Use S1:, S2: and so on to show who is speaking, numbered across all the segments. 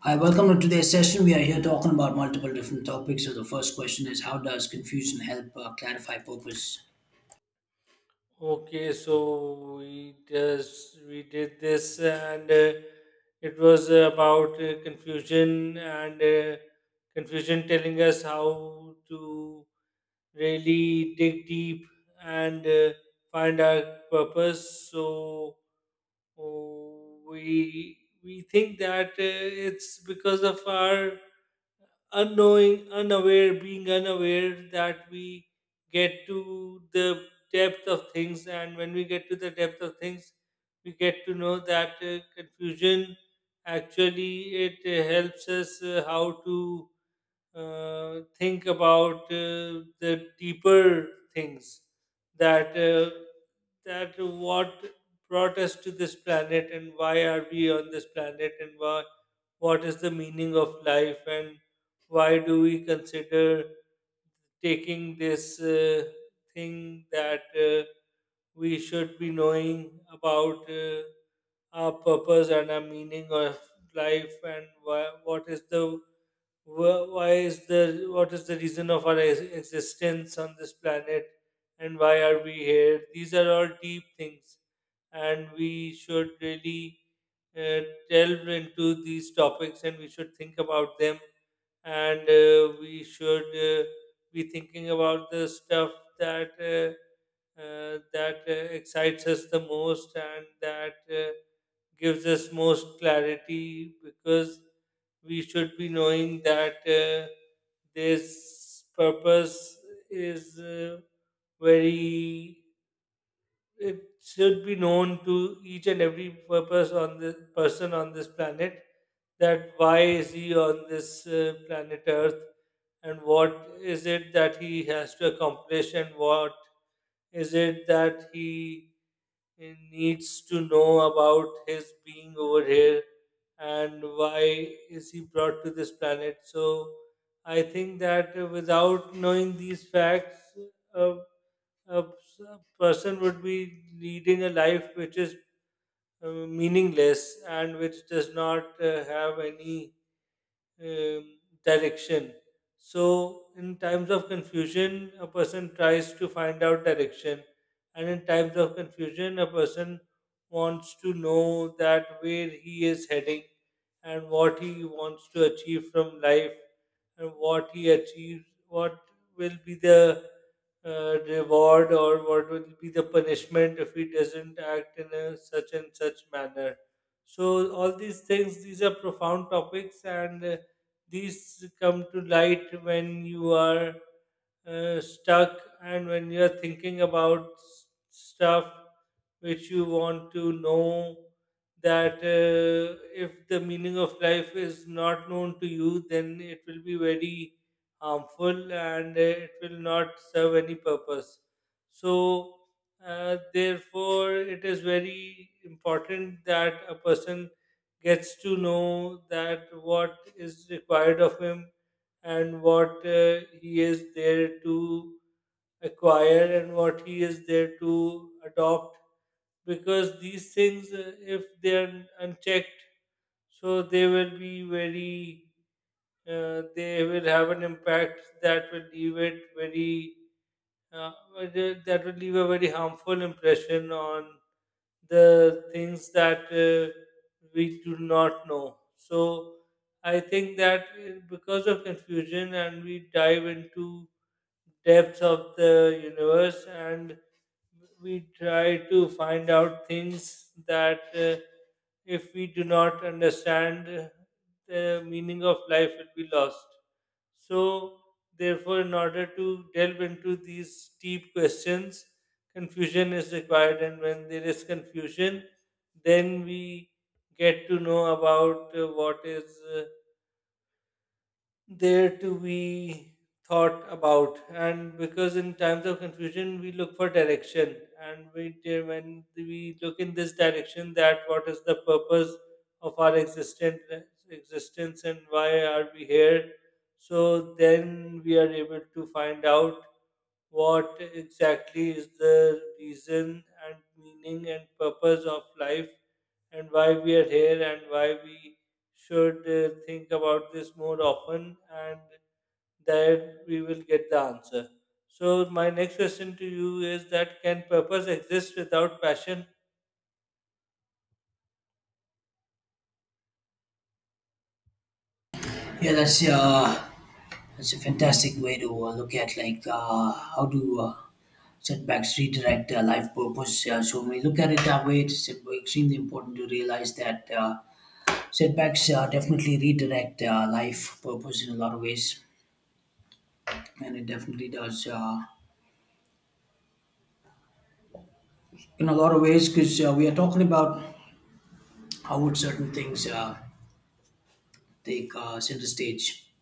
S1: Hi, welcome to today's session. We are here talking about multiple different topics. So the first question is, how does confusion help clarify purpose?
S2: Okay, so we just we did this, and it was about confusion and confusion telling us how to really dig deep and find our purpose. So oh, we think that it's because of our unknowing, unaware, being unaware that we get to the depth of things, and when we get to the depth of things, we get to know that confusion actually it helps us how to think about the deeper things that what brought us to this planet, and why are we on this planet, and why what is the meaning of life, and why do we consider taking this thing that we should be knowing about our purpose and our meaning of life. And what is the what is the reason of our existence on this planet, and why are we here? These are all deep things, and we should really uh, delve into these topics, and we should think about them. And we should be thinking about the stuff that uh, that uh, excites us the most, and that gives us most clarity, because we should be knowing that this purpose is very, it should be known to each and every purpose on the person on this planet, that why is he on this planet Earth, and what is it that he has to accomplish, and what is it that he needs to know about his being over here, and why is he brought to this planet? So I think that without knowing these facts, a a person would be leading a life which is uh, meaningless and which does not have any um, direction. So, in times of confusion, a person tries to find out direction, and in times of confusion, a person wants to know that where he is heading, and what he wants to achieve from life, and what he achieves, what will be the reward, or what will be the punishment if he doesn't act in a such and such manner. So all these things, these are profound topics, and these come to light when you are stuck, and when you are thinking about stuff which you want to know, that if the meaning of life is not known to you, then it will be very harmful, and it will not serve any purpose. So therefore it is very important that a person gets to know that what is required of him, and what he is there to acquire, and what he is there to adopt, because these things, if they are unchecked, so they will be very they will have an impact that will leave it very whether that will leave a very harmful impression on the things that we do not know. So I think that because of confusion, and we dive into depths of the universe and we try to find out things that if we do not understand the meaning of life will be lost. So therefore, in order to delve into these deep questions, confusion is required, and when there is confusion, then we get to know about what is there to be thought about. And because in times of confusion we look for direction, and we when we look in this direction that what is the purpose of our existence, and why are we here, so then we are able to find out what exactly is the reason and meaning and purpose of life, and why we are here, and why we should think about this more often, and that we will get the answer. So, my next question to you is that can purpose exist without passion?
S1: Yeah, that's a fantastic way to look at how do setbacks redirect life purpose. So when we look at it that way, it's extremely important to realize that setbacks definitely redirect life purpose in a lot of ways, and it definitely does in a lot of ways because we are talking about how would certain things. Take center stage.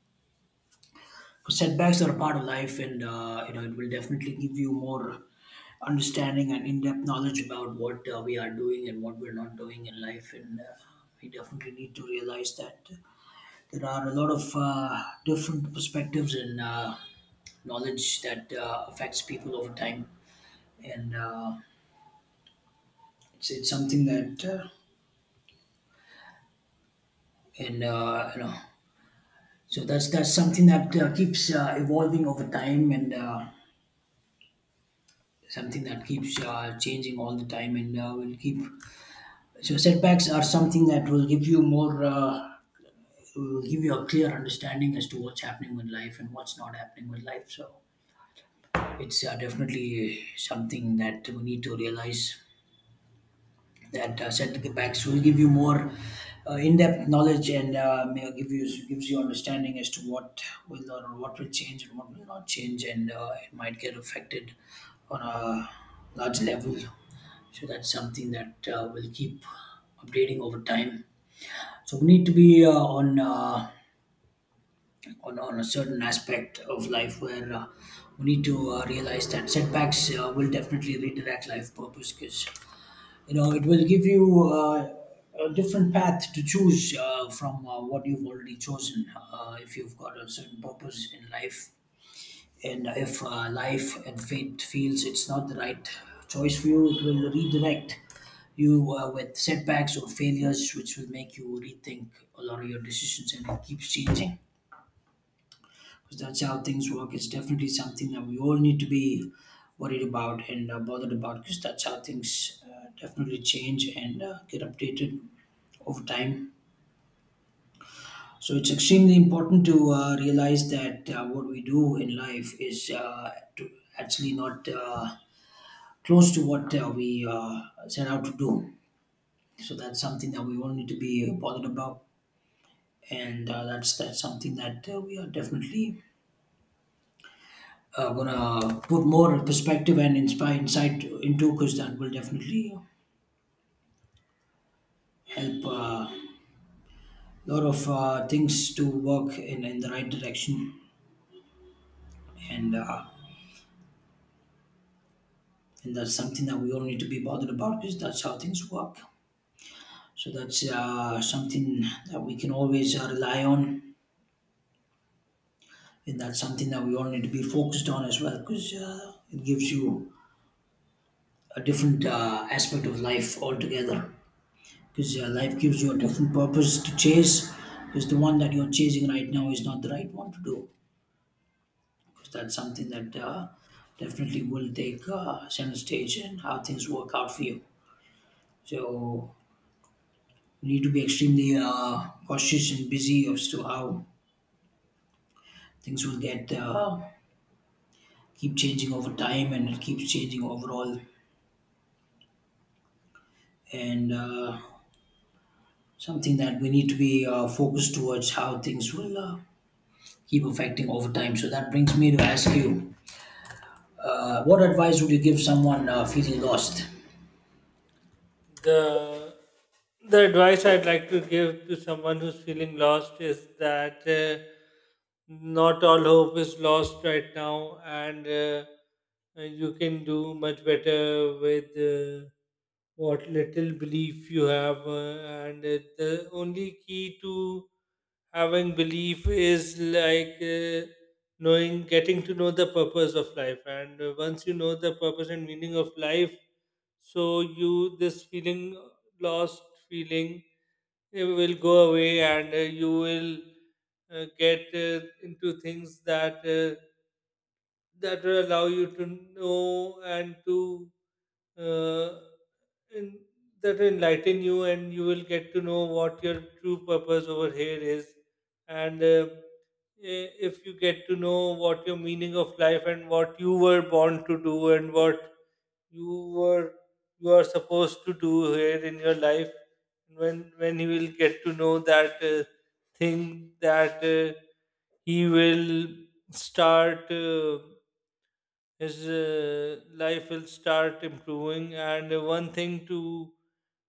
S1: Setbacks are a part of life, and you know it will definitely give you more understanding and in-depth knowledge about what we are doing and what we're not doing in life. And we definitely need to realize that there are a lot of different perspectives and knowledge that affects people over time, and it's something that. And You know, so that's something that keeps evolving over time and something that keeps changing all the time and will keep. So setbacks are something that will give you more, will give you a clear understanding as to what's happening with life and what's not happening with life. So it's definitely something that we need to realize that setbacks will give you more in-depth knowledge and may give you gives you understanding as to what will or what will change and what will not change, and it might get affected on a large level. So that's something that will keep updating over time. So we need to be on a certain aspect of life where we need to realize that setbacks will definitely redirect life purpose, because you know it will give you a different path to choose from what you've already chosen. If you've got a certain purpose in life, and if life and fate feels it's not the right choice for you, it will redirect you with setbacks or failures, which will make you rethink a lot of your decisions, and it keeps changing because that's how things work. It's definitely something that we all need to be worried about and bothered about, because that's how things definitely change and get updated over time. So it's extremely important to realize that what we do in life is to actually not. Close to what we set out to do. So that's something that we all need to be bothered about, and that's something that we are definitely gonna put more perspective and inspire insight into, because that will definitely help a lot of things to work in the right direction, and uh, and that's something that we all need to be bothered about, because that's how things work. So that's something that we can always rely on, and that's something that we all need to be focused on as well, because it gives you a different aspect of life altogether, because life gives you a different purpose to chase, because the one that you're chasing right now is not the right one to do, because that's something that definitely will take center stage in how things work out for you. So you need to be extremely cautious and busy as to how things will get keep changing over time, and it keeps changing overall, and something that we need to be focused towards how things will keep affecting over time. So that brings me to ask you, what advice would you give someone feeling lost?
S2: The the advice I'd like to give to someone who's feeling lost is that not all hope is lost right now, and you can do much better with what little belief you have, and the only key to having belief is like getting to know the purpose of life. And once you know the purpose and meaning of life, so you, this feeling, lost feeling, it will go away, and you will get into things that that will allow you to know, and to uh, in, that will enlighten you, and you will get to know what your true purpose over here is. And if you get to know what your meaning of life, and what you were born to do, and what you were you are supposed to do here in your life, when he will get to know that thing, that he will start his life will start improving. And one thing to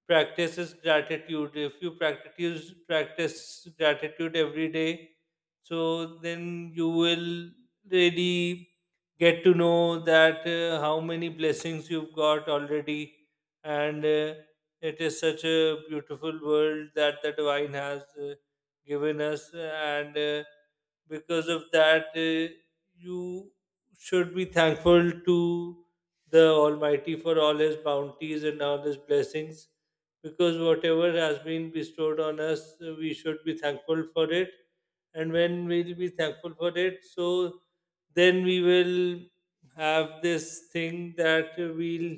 S2: practice is gratitude. If you practice gratitude every day, so then you will really get to know that how many blessings you've got already, and it is such a beautiful world that the divine has given us. And because of that, you should be thankful to the Almighty for all His bounties and all His blessings, because whatever has been bestowed on us, we should be thankful for it. And when we'll be thankful for it, so then we will have this thing that we'll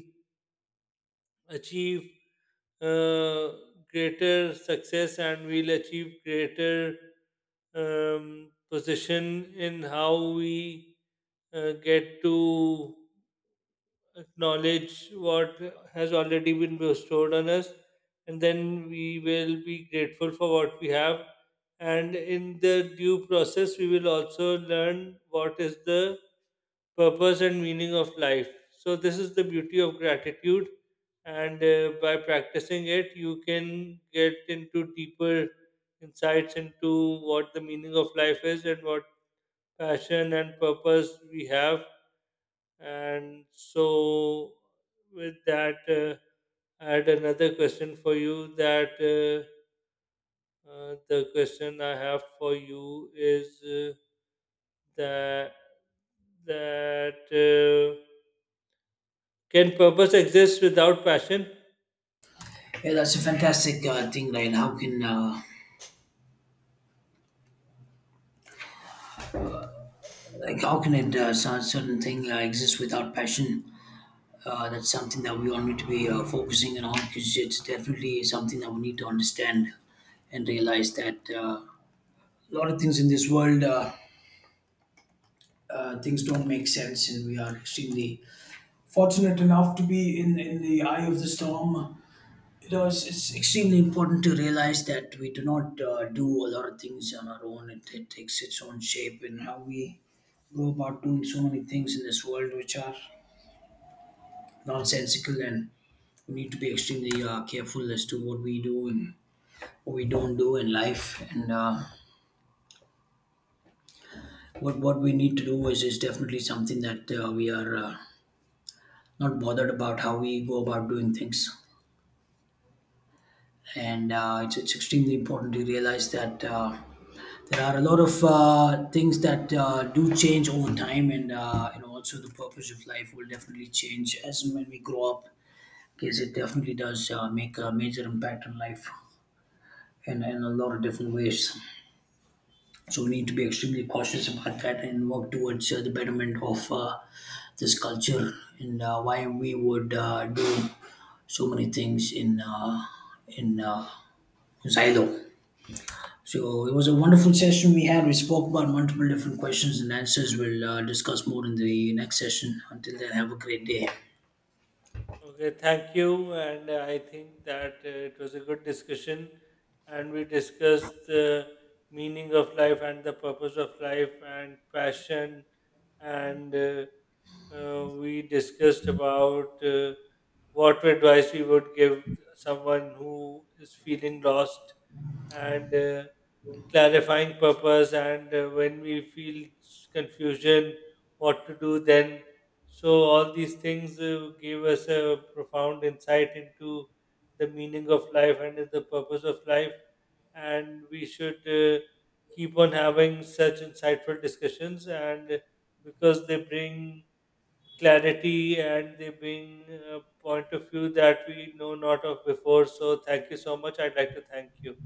S2: achieve uh, greater success, and we'll achieve greater position in how we get to acknowledge what has already been bestowed on us, and then we will be grateful for what we have. And in the due process, we will also learn what is the purpose and meaning of life. So, this is the beauty of gratitude. And by practicing it, you can get into deeper insights into what the meaning of life is, and what passion and purpose we have. And so, with that, I had another question for you. That the question I have for you is that that can purpose exist without passion?
S1: Yeah, that's a fantastic thing, right? How can like how can it certain thing exist without passion? That's something that we all need to be focusing on, because it's definitely something that we need to understand and realize that a lot of things in this world, things don't make sense, and we are extremely fortunate enough to be in the eye of the storm. You know, it's extremely important to realize that we do not do a lot of things on our own. It takes its own shape in how we go about doing so many things in this world which are nonsensical, and we need to be extremely careful as to what we do and what we don't do in life, and what we need to do is definitely something that we are not bothered about how we go about doing things, and it's extremely important to realize that there are a lot of things that do change over time, and you know also the purpose of life will definitely change as and when we grow up, because it definitely does make a major impact on life in a lot of different ways. So we need to be extremely cautious about that and work towards the betterment of this culture, and why we would do so many things in in uh, silo. So it was a wonderful session we had. We spoke about multiple different questions and answers. We'll discuss more in the next session. Until then, have a great day.
S2: Okay, thank you. And I think that it was a good discussion. And we discussed the meaning of life, and the purpose of life, and passion. And we discussed about what advice we would give someone who is feeling lost. And clarifying purpose, and when we feel confusion, what to do then. So all these things gave us a profound insight into the meaning of life and the purpose of life, and we should keep on having such insightful discussions, and because they bring clarity, and they bring a point of view that we know not of before. So thank you so much, I'd like to thank you.